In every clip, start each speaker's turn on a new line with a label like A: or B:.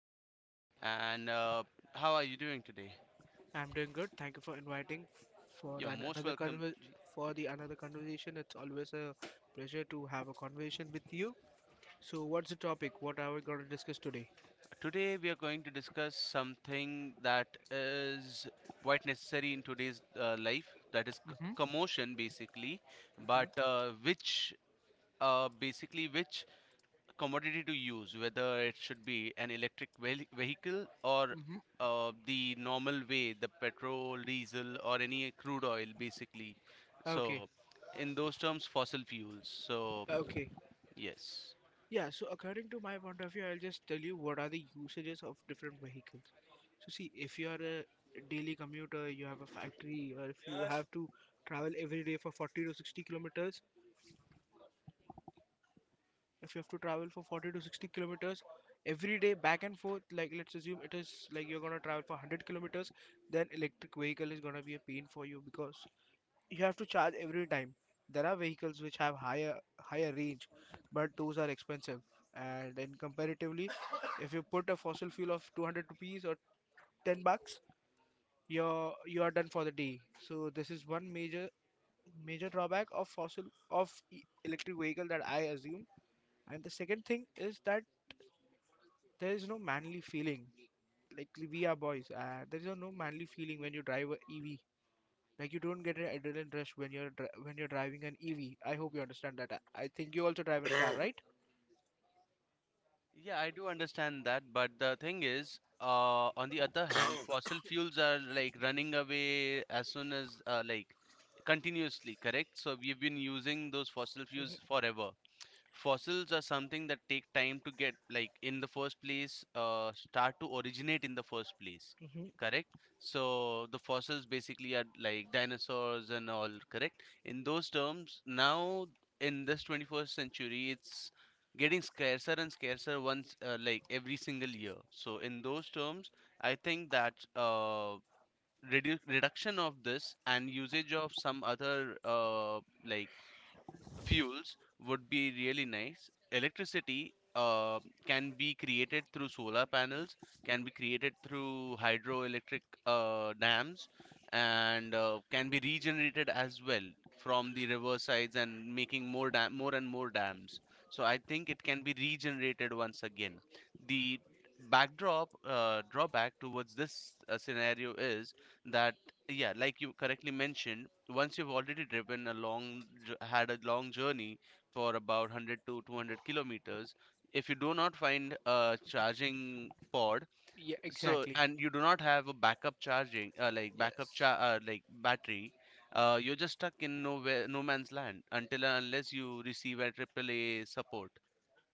A: again. And How are you doing today?
B: I'm doing good. Thank you for inviting for
A: You're
B: an,
A: most
B: another
A: welcome,
B: conver-
A: Jeet.
B: for the another conversation. It's always a pleasure to have a conversation with you. So, what's the topic? What are we going to discuss today?
A: Today, we are going to discuss something that is quite necessary in today's life, that is
B: Mm-hmm.
A: commotion, basically,
B: Hmm?
A: but which basically which commodity to use, whether it should be an electric vehi- vehicle or
B: Mm-hmm.
A: the normal way, the petrol, diesel, or any crude oil, basically.
B: Okay,
A: So, in those terms, fossil fuels. So,
B: okay.
A: yes.
B: Yeah, so according to my point of view, I'll just tell you what are the usages of different vehicles. So, see, if you are a daily commuter, you have a factory, or if you have to travel every day for 40 to 60 kilometers, if you have to travel for 40 to 60 kilometers every day back and forth like let's assume it is like you're going to travel for 100 kilometers, then electric vehicle is going to be a pain for you because you have to charge every time. There are vehicles which have higher range, but those are expensive. And then comparatively, if you put a fossil fuel of 200 rupees or 10 bucks, you are done for the day. So this is one major drawback of electric vehicle that I assume. And the second thing is that there is no manly feeling. Like we are boys, there is no manly feeling when you drive a EV. Like you don't get an adrenaline rush when you're driving an EV. I hope you understand that. I think you also drive a car, right?
A: Yeah, I do understand that, but the thing is, on the other hand, fossil fuels are like running away as soon as continuously, correct? So we've been using those fossil fuels
B: Hmm?
A: forever. Fossils are something that take time to get, like, in the first place, start to originate in the first place,
B: Hmm?
A: correct? So the fossils basically are like dinosaurs and all, correct, in those terms. Now in this 21st century it's getting scarcer and scarcer once like every single year. So in those terms, I think that reduction of this and usage of some other like fuels would be really nice. Electricity can be created through solar panels, can be created through hydroelectric dams, and can be regenerated as well from the river sides and making more and more dams. So I think it can be regenerated once again. The backdrop, drawback towards this scenario is that, yeah, like you correctly mentioned, once you've already driven a had a long journey for about 100 to 200 kilometers, if you do not find a charging pod,
B: Yeah,
A: so,
B: exactly.
A: and you do not have a backup charging, like backup cha- like battery, you're just stuck in nowhere, no man's land, until and unless you receive a AAA support.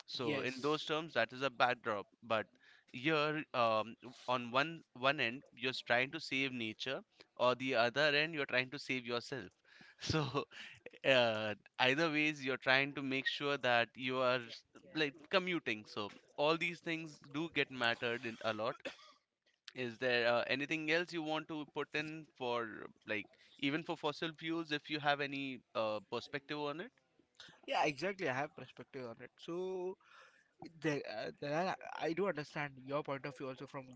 A: So in those
B: Yes.
A: terms, that is a backdrop. But you're on one end, you're trying to save nature, or the other end, you're trying to save yourself. So uh, either ways, you're trying to make sure that you are like commuting. So all these things do get mattered in a lot. Is there anything else you want to put in for, like, even for fossil fuels, if you have any perspective on it?
B: Yeah, exactly. I have perspective on it. So there, there are, I do understand your point of view also from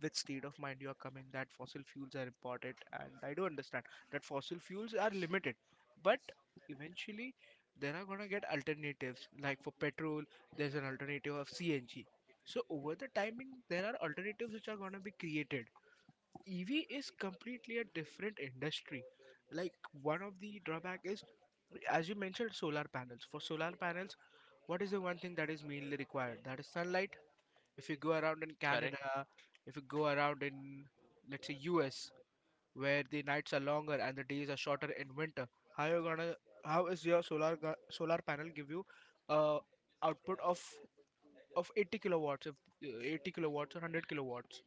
B: which state of mind you are coming, that fossil fuels are important, and I do understand that fossil fuels are limited, but eventually there are gonna get alternatives. Like for petrol, there's an alternative of CNG. So over the timing, there are alternatives which are gonna be created. EV is completely a different industry. Like, one of the drawback is, as you mentioned, solar panels. For solar panels, what is the one thing that is mainly required? That is sunlight. If you go around in
A: Correct.
B: Canada, if you go around in, let's say, US, where the nights are longer and the days are shorter in winter, how you gonna, how is your solar panel give you uh, output of 80 kilowatts, if 80 kilowatts or 100 kilowatts?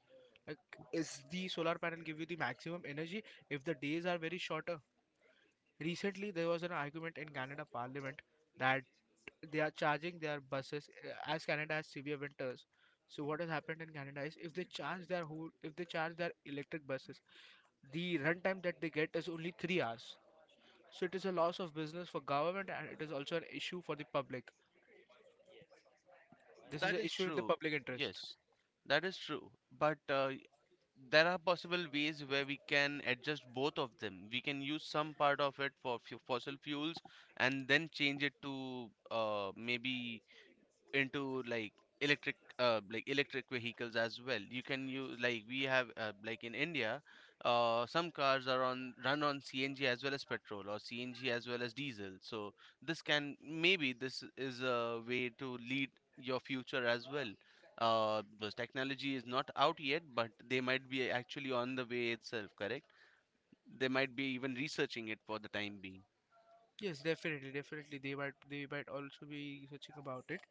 B: Like, is the solar panel give you the maximum energy if the days are very short? Recently, there was an argument in Canada Parliament that they are charging their buses, as Canada has severe winters. So what has happened in Canada is if they charge their whole, if they charge their electric buses, the runtime that they get is only 3 hours. So it is a loss of business for government, and it is also an issue for the public. This is
A: That
B: an
A: is
B: issue in the
A: true.
B: public interest.
A: Yes, that is true. But there are possible ways where we can adjust both of them. We can use some part of it for fossil fuels and then change it to maybe into, like, electric, electric vehicles as well. You can use, like, we have, like in India, some cars are on run on CNG as well as petrol, or CNG as well as diesel. So this can, maybe this is a way to lead your future as well. This technology is not out yet, but they might be actually on the way itself, correct? They might be even researching it for the time being.
B: Yes, definitely. They might also be searching about it.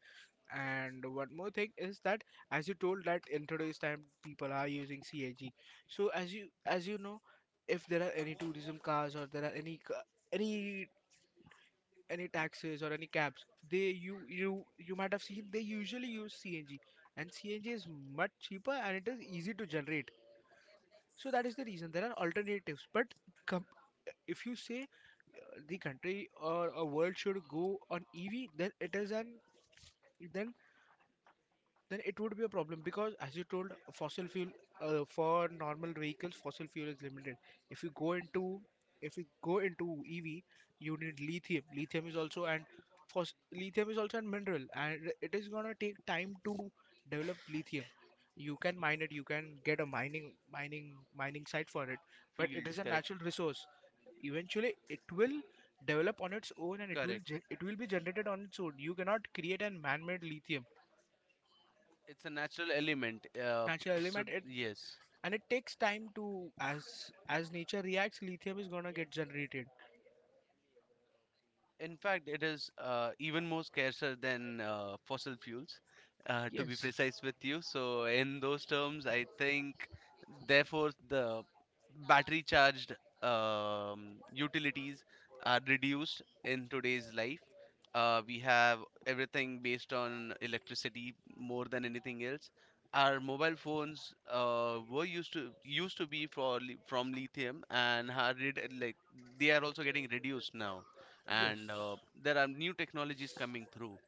B: And one more thing is that, as you told, that in today's time people are using CNG. So as you know, if there are any tourism cars or there are any any taxis or any cabs, they, you might have seen they usually use CNG. And CNG is much cheaper and it is easy to generate. So that is the reason there are alternatives. But com- if you say the country or a world should go on EV, then it is an then then it would be a problem, because as you told, fossil fuel, for normal vehicles, fossil fuel is limited. If you go into if you go into EV, you need lithium. Lithium is also and fos- lithium is also a mineral, and it is gonna take time to develop lithium. You can mine it, you can get a mining site for it, but it
A: Field,
B: is a
A: correct.
B: natural resource. Eventually it will develop on its own, and
A: Correct,
B: it will be generated on its own. You cannot create a man-made lithium.
A: it's a natural element. uh,
B: Natural
A: so
B: element, it.
A: yes.
B: And it takes time to, as nature reacts, lithium is gonna get generated.
A: In fact, it is even more scarcer than fossil fuels, to be
B: Yes.
A: precise with you. So, in those terms, I think, therefore, the battery charged utilities are reduced in today's life. We have everything based on electricity more than anything else. Our mobile phones were used to used to be for from lithium, and are like they are also getting reduced now, and
B: Yes.
A: there are new technologies coming through.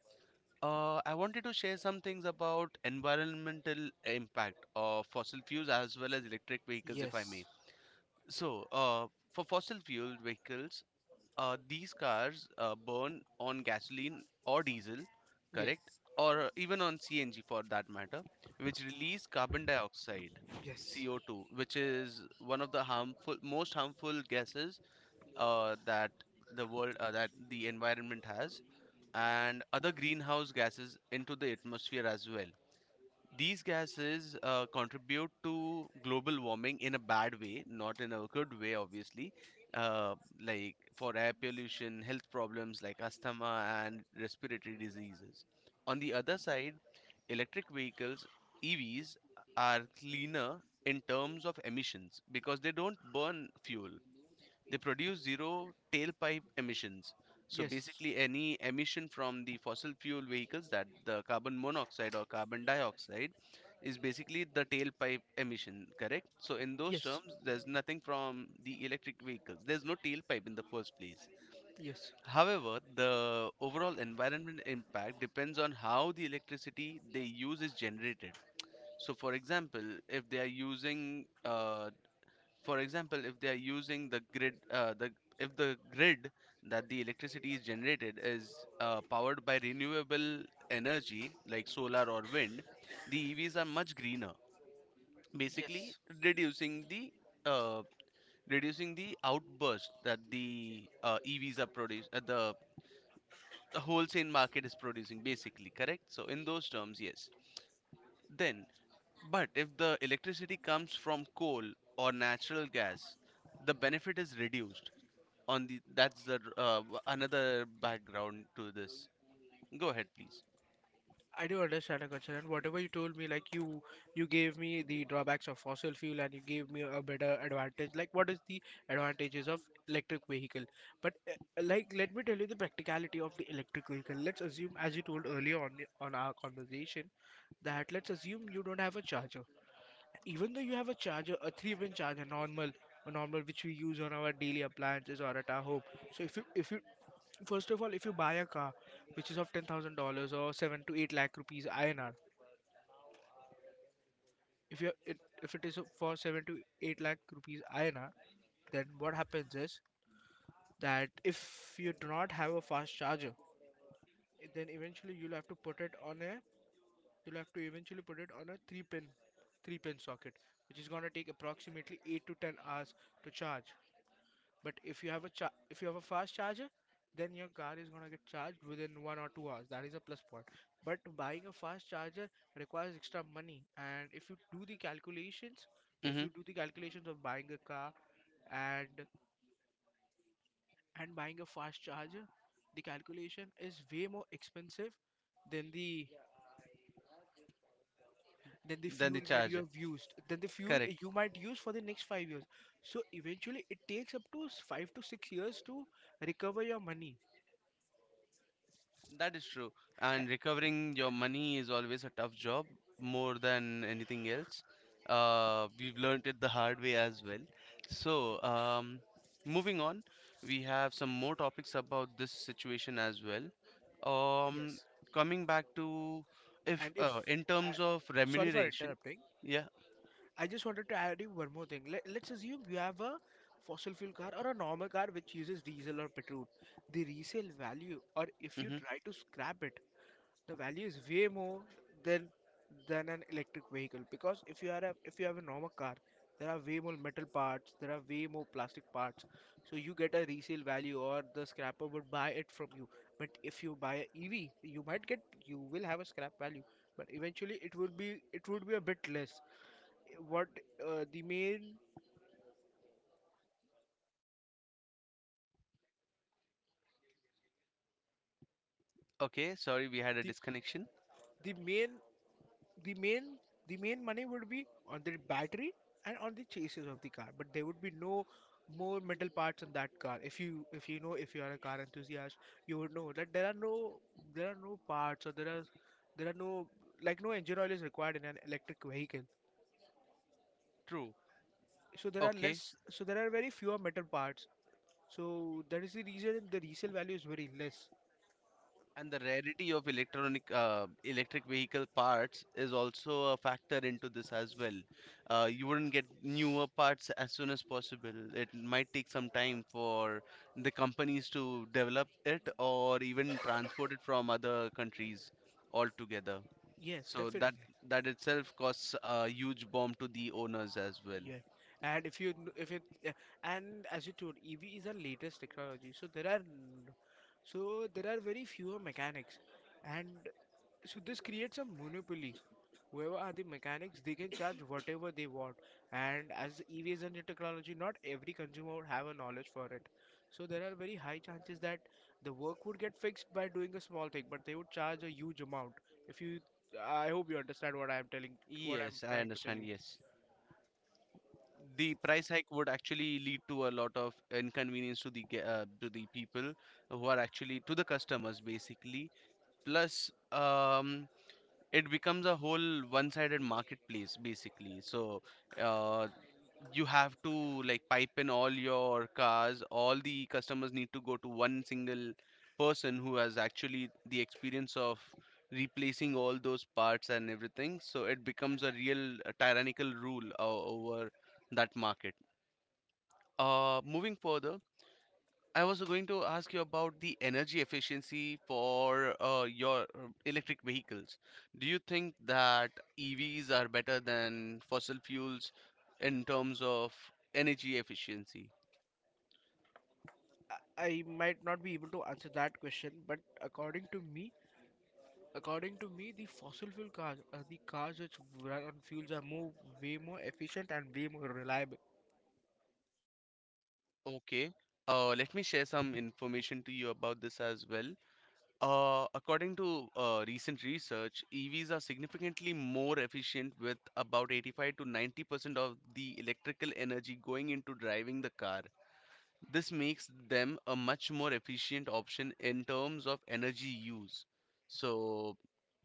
A: I wanted to share some things about environmental impact of fossil fuels as well as electric vehicles, if I may.
B: Yes.
A: So, for fossil fuel vehicles, these cars burn on gasoline or diesel, correct?
B: Yes.
A: Or even on CNG for that matter, which release carbon dioxide,
B: Yes.
A: CO2, which is one of the harmful, most harmful gases uh, that that the environment has, and other greenhouse gases into the atmosphere as well. These gases contribute to global warming in a bad way, not in a good way, obviously, uh, like, for air pollution, health problems like asthma and respiratory diseases. On the other side, electric vehicles, EVs, are cleaner in terms of emissions because they don't burn fuel. They produce zero tailpipe emissions. So
B: Yes.
A: basically, any emission from the fossil fuel vehicles, that the carbon monoxide or carbon dioxide, is basically the tailpipe emission, correct? So in those
B: Yes.
A: terms, there's nothing from the electric vehicles. There's no tailpipe in the first place.
B: Yes.
A: However, the overall environment impact depends on how the electricity they use is generated. So, for example, if they are using, for example if they are using the grid, the if the grid that the electricity is generated is powered by renewable energy like solar or wind, the EVs are much greener, basically
B: Yes.
A: reducing the uh, outburst that the EVs are produced, the wholesale market is producing, basically, correct? So in those terms, yes. Then, but if the electricity comes from coal or natural gas, the benefit is reduced on the, that's the another background to this. Go ahead, please.
B: I do understand, Akansha, and whatever you told me, like, you gave me the drawbacks of fossil fuel, and you gave me a better advantage. Like, what is the advantages of electric vehicle? But like, let me tell you the practicality of the electric vehicle. Let's assume, as you told earlier on on our conversation, that let's assume you don't have a charger. Even though you have a charger, a three-pin charger, normal, a normal which we use on our daily appliances or at our home. So if you first of all, if you buy a car which is of $10,000 or seven to eight lakh rupees INR, if you if it is for seven to eight lakh rupees INR, then what happens is that if you do not have a fast charger, then eventually you'll have to put it on a you'll have to eventually put it on a three pin socket, which is gonna take approximately 8 to 10 hours to charge. But if you have a cha- if you have a fast charger, then your car is gonna get charged within 1 or 2 hours. That is a plus point. But buying a fast charger requires extra money, and if you do the calculations, if
A: Mm-hmm.
B: you do the calculations of buying a car and buying a fast charger, the calculation is way more expensive than the than the
A: Then the
B: fuel that you
A: charge,
B: have used, than the fuel
A: correct.
B: you might use for the next 5 years. So eventually, it takes up to 5 to 6 years to recover your money.
A: That is true,
B: A-
A: and recovering your money is always a tough job, more than anything else. We've learned it the hard way as well. So moving on, we have some more topics about this situation as well. Um,
B: Yes.
A: coming back to, if
B: And if,
A: in
B: I,
A: terms of
B: sorry for
A: remuneration.
B: interrupting,
A: Yeah.
B: I just wanted to add you one more thing. Let's assume you have a fossil fuel car or a normal car which uses diesel or petrol. The resale value, or if you
A: Mm-hmm.
B: try to scrap it, the value is way more than than an electric vehicle, because if you are a, if you have a normal car, there are way more metal parts, there are way more plastic parts, so you get a resale value, or the scrapper would buy it from you. But if you buy a EV, you might get you will have a scrap value, but eventually it would be a bit less. What, the main,
A: Okay, sorry, we had a
B: the,
A: disconnection.
B: the main the main the main money would be on the battery and on the chassis of the car, but there would be no more metal parts in that car. If you, if you know if you are a car enthusiast, you would know that there are no, there are no parts or there are no, like, no engine oil is required in an electric vehicle.
A: True.
B: So there are less,
A: Okay.
B: so there are very fewer metal parts. So that is the reason the resale value is very less.
A: And the rarity of electronic electric vehicle parts is also a factor into this as well. You wouldn't get newer parts as soon as possible. It might take some time for the companies to develop it or even transport it from other countries altogether.
B: Yes,
A: So
B: definitely.
A: that itself costs a huge bomb to the owners as well.
B: Yeah, and if you kn- if it yeah, and as you told, EV is our latest technology. So there are very fewer mechanics, and so this creates a monopoly. Whoever are the mechanics, they can charge whatever they want. And as EV is a new technology, not every consumer would have a knowledge for it. So there are very high chances that the work would get fixed by doing a small thing, but they would charge a huge amount. If you, I hope you understand what I'm
A: Yes, I
B: trying to tell
A: understand.
B: you.
A: Yes. The price hike would actually lead to a lot of inconvenience to the people who are actually, to the customers basically, plus, it becomes a whole one-sided marketplace, basically. So uh you have to, like, pipe in all your cars, all the customers need to go to one single person who has actually the experience of replacing all those parts and everything. So it becomes a real tyrannical over that market. Uh, moving further, I was going to ask you about the energy efficiency for your electric vehicles. Do you think that EVs are better than fossil fuels in terms of energy efficiency?
B: I might not be able to answer that question, but according to me, the fossil fuel cars, are the cars which run on fuels, are way more efficient and way more reliable.
A: Okay. Let me share some information to you about this as well. According to recent research, EVs are significantly more efficient, with about 85 to 90% of the electrical energy going into driving the car. This makes them a much more efficient option in terms of energy use. So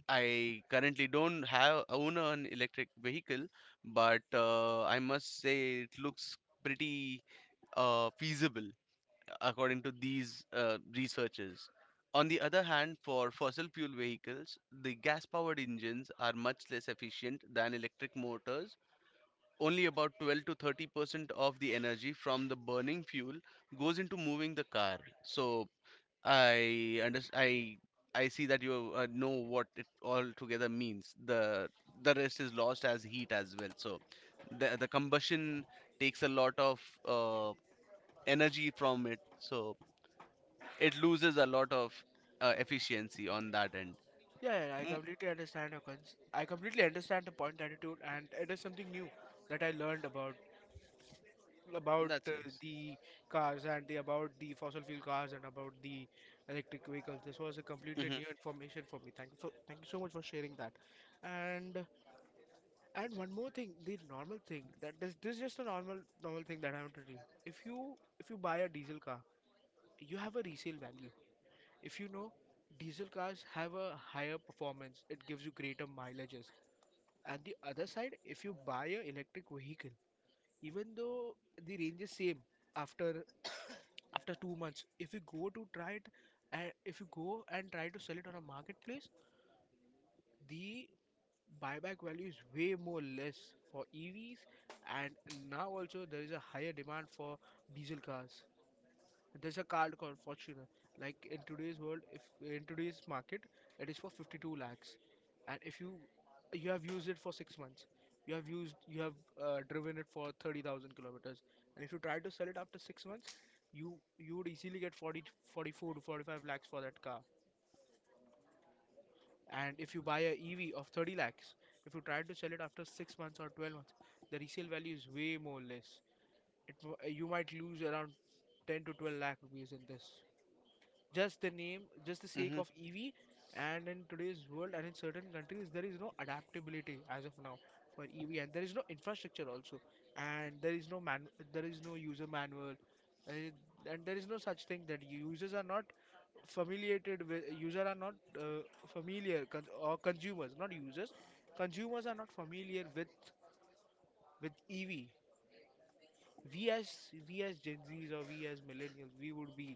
A: I currently don't have, own an electric vehicle, but I must say it looks pretty feasible according to these researchers. On the other hand, for fossil fuel vehicles, the gas powered engines are much less efficient than electric motors, only about 12 to 30% of the energy from the burning fuel goes into moving the car. So I understand. I see that you know what it all together means. The rest is lost as heat as well. So the combustion takes a lot of energy from it. So it loses a lot of efficiency on that end.
B: Yeah, yeah, I
A: Mm,
B: completely understand your cons. I completely understand the point attitude, and it is something new that I learned about
A: that's nice.
B: the cars, and the about the fossil fuel cars, and about the electric vehicles. This was a completely
A: Hmm.
B: new information for me. Thank you so much for sharing that. And And one more thing, the normal thing that this is just a normal thing that I want to do. If you if you buy a diesel car, you have a resale value. If you know, diesel cars have a higher performance. It gives you greater mileages. And the other side, if you buy a electric vehicle, even though the range is same, after after 2 months, if you go to try it, and if you go and try to sell it on a marketplace, the buyback value is way more less for EVs. And now also there is a higher demand for diesel cars. There's a car called Fortuner. Like in today's world, if in today's market, it is for 52 lakhs, and if you have used it for 6 months, you have used you have driven it for 30,000 kilometers, and if you try to sell it after 6 months, you you would easily get 40 44 to 45 lakhs for that car. And if you buy a EV of 30 lakhs, if you try to sell it after 6 months or 12 months, the resale value is way more less. You might lose around 10 to 12 lakh rupees in this. Just the name, just the sake
A: Hmm.
B: of EV. And in today's world and in certain countries, there is no adaptability as of now for EV, and there is no infrastructure also, and there is no user manual, uh, and there is no such thing that users are not familiated with user are not familiar con- or consumers not users consumers are not familiar with EV. we as we as Gen Z's or we as millennials,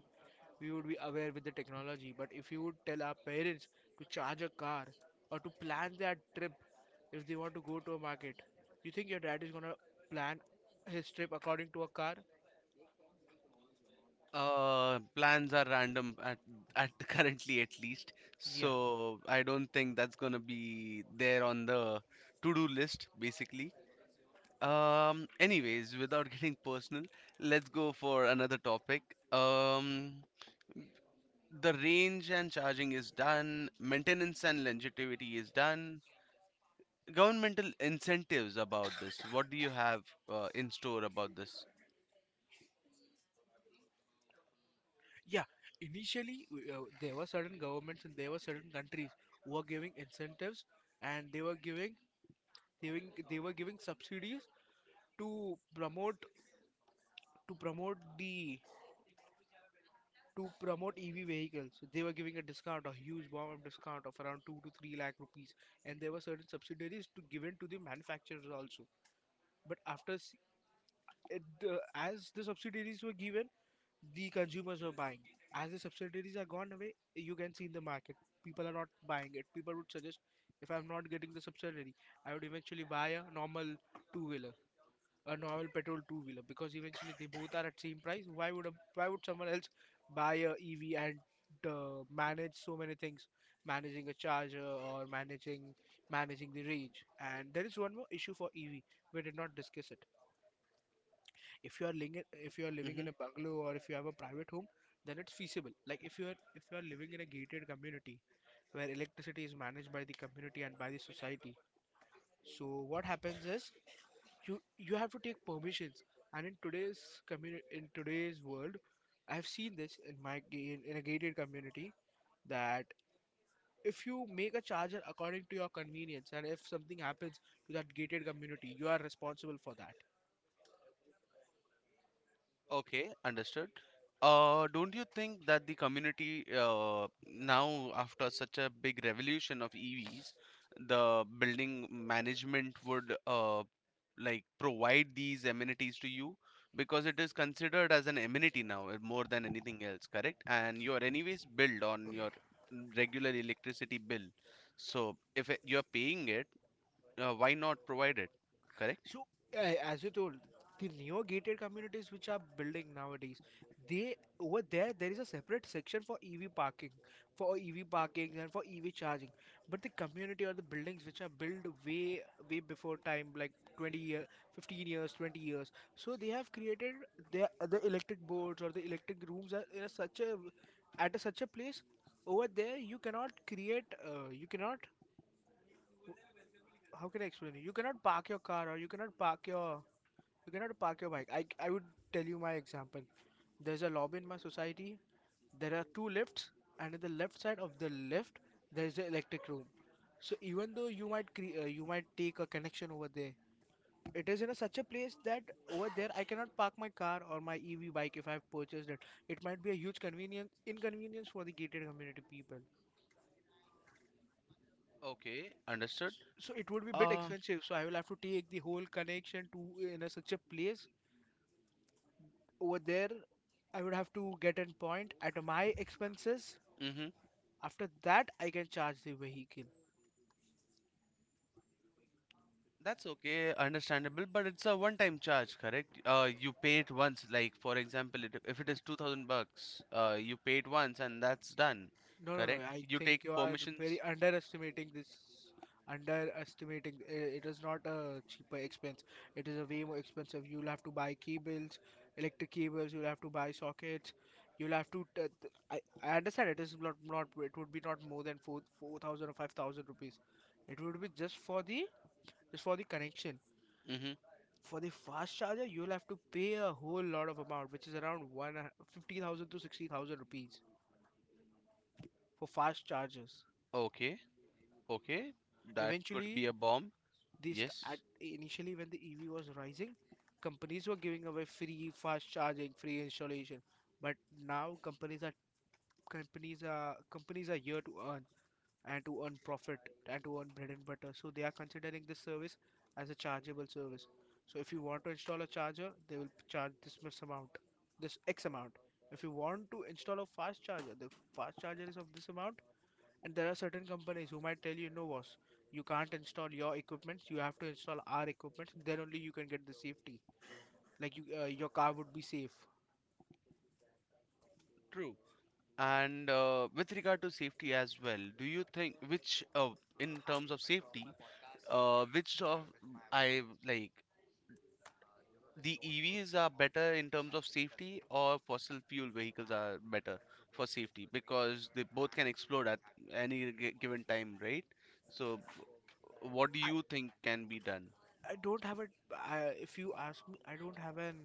B: we would be aware with the technology, but if you would tell our parents to charge a car or to plan their trip if they want to go to a market, you think your dad is going to plan his trip according to a car?
A: Plans are random at currently at least,
B: Yeah.
A: so I don't think that's gonna be there on the to-do list, basically. Anyways, without getting personal, let's go for another topic. Um, the range and charging is done, maintenance and longevity is done. Governmental incentives about this. What do you have in store about this?
B: Yeah, initially there were certain governments and there were certain countries who were giving incentives, and they were giving subsidies to promote to promote the to promote EV vehicles. They were giving a discount, a huge bomb of discount of around 2 to 3 lakh rupees, and there were certain subsidies to given to the manufacturers also. But it, as the subsidies were given, the consumers were buying. As the subsidiaries are gone away, you can see in the market people are not buying it. People would suggest, if I'm not getting the subsidiary, I would eventually buy a normal 2 wheeler, a normal petrol 2 wheeler, because eventually they both are at same price. Why would someone else buy a EV and manage so many things, managing a charger or managing the range? And there is one more issue for EV. We did not discuss it. If you are living
A: Mm-hmm.
B: in a bungalow or if you have a private home, then it's feasible. Like if you are living in a gated community where electricity is managed by the community and by the society, so what happens is you have to take permissions. And in today's world, I've seen this in a gated community, that if you make a charger according to your convenience and if something happens to that gated community, you are responsible for that.
A: Okay, understood. Don't you think that the community, now, after such a big revolution of EVs, the building management would like provide these amenities to you because it is considered as an amenity now, more than anything else, correct? And you are anyways billed on your regular electricity bill. So if you're paying it, why not provide it, correct?
B: So, as you told, the neo-gated communities which are building nowadays, they over there there is a separate section for EV parking, for EV parking and for EV charging. But the community or the buildings which are built way before time, like 20 year, 15 years, 20 years, so they have created the electric boards or the electric rooms are in a such a such a place. Over there you cannot create you cannot how can I explain it? you cannot park your car or you cannot park your bike. I would tell you my example. There's a lobby in my society. There are 2 lifts, and in the left side of the lift there's the electric room. So even though you might you might take a connection over there, it is in a such a place that over there I cannot park my car or my EV bike if I've purchased it. It might be a huge convenience inconvenience for the gated community people.
A: Okay, understood.
B: So it would be a bit
A: Uh,
B: expensive, so I will have to take the whole connection to in a, such a place. Over there I would have to get an point at my expenses.
A: mhm.
B: After that I can charge the vehicle.
A: That's okay, understandable, but it's a one-time charge, correct? You pay it once, like, for example, it, if it is 2000 bucks, you pay it once and that's done,
B: No, no, no.
A: correct?
B: I
A: You take
B: think you are very
A: permissions.
B: underestimating this. Underestimating. It is not a cheaper expense. It is a way more expensive. You'll have to buy cables, electric cables. You'll have to buy sockets. You'll have to. T t- I understand it is not. It would be not more than four thousand or 5,000 rupees. It would be just for the connection.
A: Mm-hmm.
B: For the fast charger, you'll have to pay a whole lot of amount, which is around one fifty thousand to 60,000 rupees for fast chargers.
A: Okay, okay, that could be
B: Eventually,
A: a bomb.
B: This at
A: Yes,
B: initially when the EV was rising, companies were giving away free fast charging, free installation. But now companies are here to earn and to earn profit and to earn bread and butter. So they are considering this service as a chargeable service. So if you want to install a charger, they will charge this much amount, this X amount. If you want to install a fast charger, the fast charger is of this amount. And there are certain companies who might tell you, no, boss, you can't install your equipment. You have to install our equipment. Then only you can get the safety. Like you, your car would be safe.
A: true. And with regard to safety as well, do you think which, in terms of safety, which of, I like, the EVs are better in terms of safety, or fossil fuel vehicles are better for safety, because they both can explode at any given time, right? So, what do
B: I,
A: you think can be done?
B: I don't have a. If you ask me, I don't have an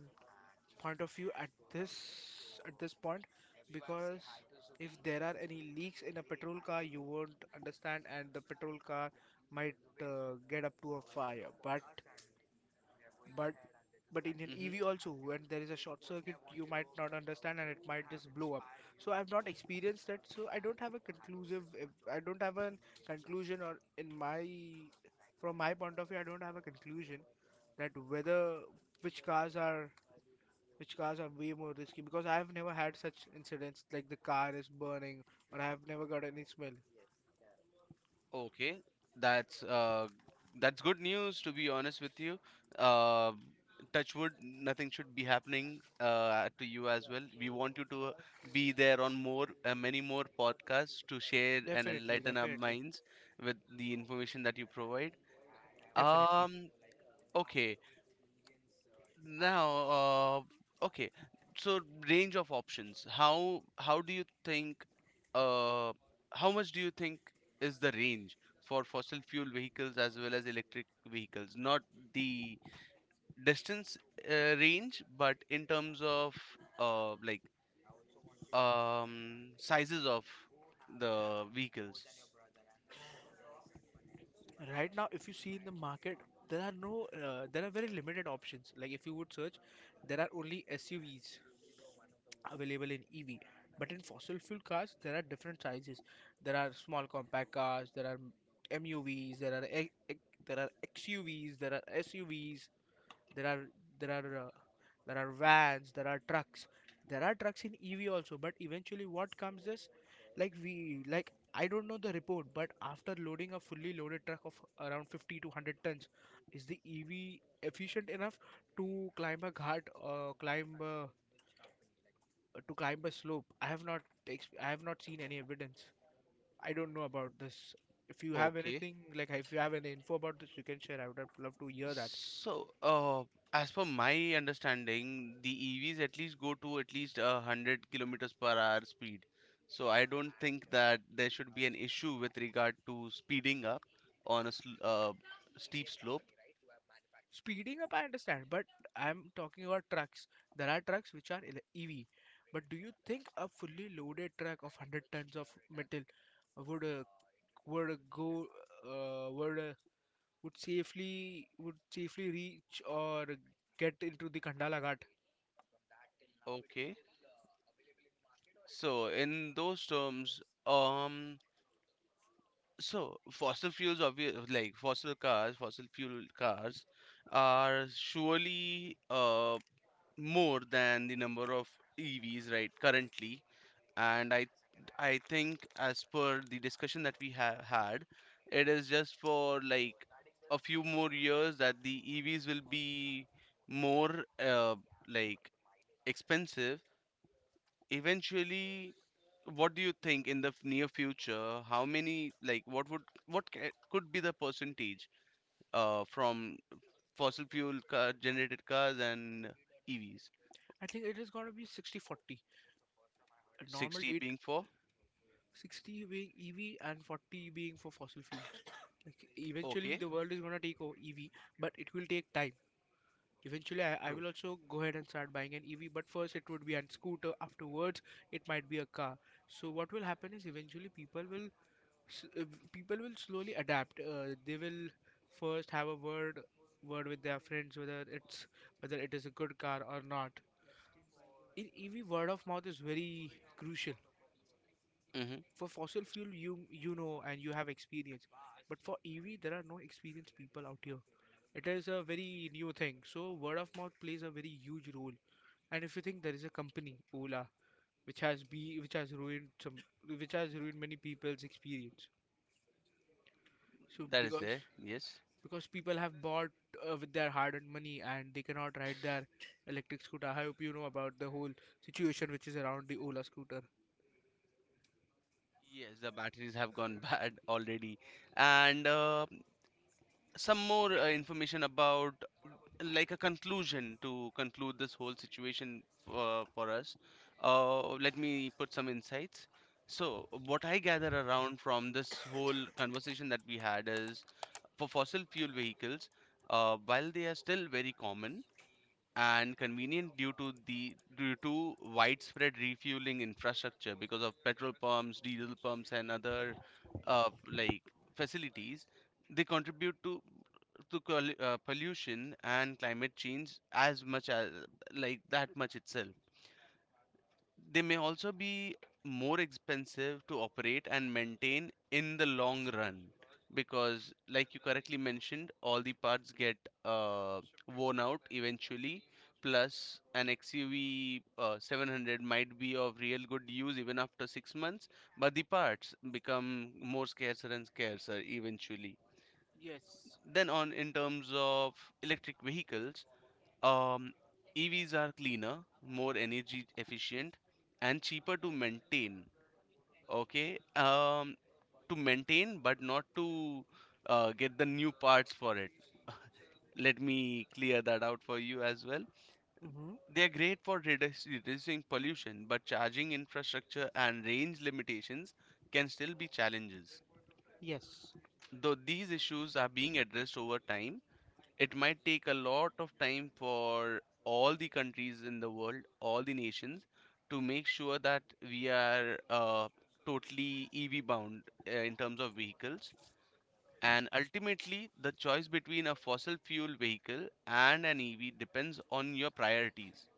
B: point of view at this point, because if there are any leaks in a petrol car, you won't understand, and the petrol car might get up to a fire. But but in an
A: Mm-hmm.
B: EV also, when there is a short circuit, you might not understand and it might just blow up. So I've not experienced that, so I don't have a I don't have a conclusion, or in my from my point of view I don't have a conclusion that whether which cars are which cars are way more risky, because I have never had such incidents like the car is burning, or I have never got any smell.
A: Okay, that's that's good news, to be honest with you. Uh, Touch wood, nothing should be happening to you as well. We want you to be there on many more podcasts to share and enlighten our
B: Definitely
A: minds with the information that you provide.
B: definitely.
A: Um, okay. Now, okay. So range of options. How do you think? Uh, how much do you think is the range for fossil fuel vehicles as well as electric vehicles? Not the distance range, but in terms of uh, like sizes of the vehicles.
B: Right now if you see in the market, there are no there are very limited options. Like if you would search, there are only SUVs available in EV. But in fossil fuel cars there are different sizes. There are small compact cars, there are MUVs, there are e- e- there are XUVs, there are SUVs, there are there are uh, there are vans, there are trucks. There are trucks in EV also, but eventually what comes is, like we like I don't know the report, but after loading a fully loaded truck of around 50 to 100 tons, is the EV efficient enough to climb a ghat or to climb a slope? I have not ex- I have not seen any evidence. I don't know about this. If you have
A: Okay.
B: anything, like if you have any info about this, you can share. I would have loved to hear that.
A: So, as per my understanding, the EVs at least go to at least 100 km/h speed. So I don't think that there should be an issue with regard to speeding up on a sl steep slope.
B: Speeding up, I understand, but I'm talking about trucks. There are trucks which are EV, but do you think a fully loaded truck of 100 tons of metal would uh, would uh, go uh, would uh, would safely reach or get into the Khandala Ghat?
A: Okay. So in those terms, um, so fossil fuels, obvious, like fossil cars, fossil fuel cars, are surely more than the number of EVs right currently. And I think, as per the discussion that we have had, it is just for like a few more years that the EVs will be more like expensive eventually. What do you think in the near future, how many, like what would, could be the percentage from fossil fuel car generated cars and EVs?
B: I think it is going to be 60-40. A normal
A: 60
B: date,
A: being for,
B: 60 being EV and 40 being for fossil fuels. Like eventually
A: okay,
B: the world is going to take over EV, but it will take time. Eventually, I
A: true,
B: will also go ahead and start buying an EV, but first it would be a scooter. Afterwards, it might be a car. So what will happen is eventually s- uh, people will slowly adapt. They will first have a word with their friends whether it's whether it is a good car or not. In EV, word of mouth is very crucial.
A: hmm,
B: For fossil fuel, you know and you have experience, but for EV there are no experienced people out here. It is a very new thing, so word of mouth plays a very huge role. And if you think, there is a company, Ola, which has be which has ruined many people's experience. So
A: that is there, yes.
B: because people have bought with their hard-earned money and they cannot ride their electric scooter. I hope you know about the whole situation which is around the Ola scooter.
A: Yes, the batteries have gone bad already. And some more information about, like, a conclusion to conclude this whole situation, for us. Let me put some insights. So, what I gather around from this whole conversation that we had is, for fossil fuel vehicles, while they are still very common and convenient due to the due to widespread refueling infrastructure because of petrol pumps, diesel pumps, and other uh, like facilities, they contribute to to pollution and climate change as much as, like, that much itself. They may also be more expensive to operate and maintain in the long run because, like you correctly mentioned, all the parts get uh, worn out eventually. Plus, an XUV 700 might be of real good use even after 6 months, but the parts become more scarcer and scarcer eventually.
B: Yes.
A: Then, on in terms of electric vehicles, um, EVs are cleaner, more energy efficient, and cheaper to maintain. Okay, to maintain, but not to get the new parts for it. Let me clear that out for you as well.
B: Mm-hmm.
A: They are great for reducing pollution, but charging infrastructure and range limitations can still be challenges.
B: Yes.
A: Though these issues are being addressed over time, it might take a lot of time for all the countries in the world, all the nations, to make sure that we are totally EV bound in terms of vehicles. And ultimately, the choice between a fossil fuel vehicle and an EV depends on your priorities: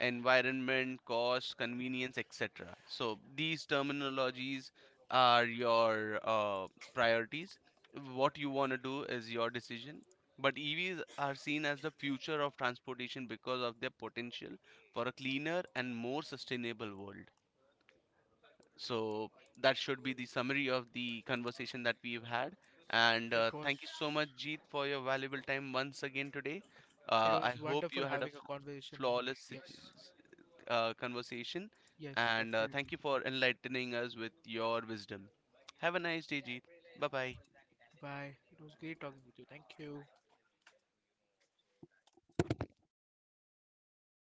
A: environment, cost, convenience, etc. So these terminologies are your priorities. What you want to do is your decision. But EVs are seen as the future of transportation because of their potential for a cleaner and more sustainable world. So that should be the summary of the conversation that we've had. And
B: it was
A: thank you so much, Jeet, for your valuable time once again today.
B: It was
A: I hope
B: wonderful
A: you had a
B: having a
A: f-
B: conversation with you.
A: flawless sit-
B: Yes,
A: s- uh, conversation.
B: yes,
A: And
B: definitely.
A: thank you for enlightening us with your wisdom. Have a nice day, Jeet. Bye bye.
B: Bye. It was great talking with you. Thank you.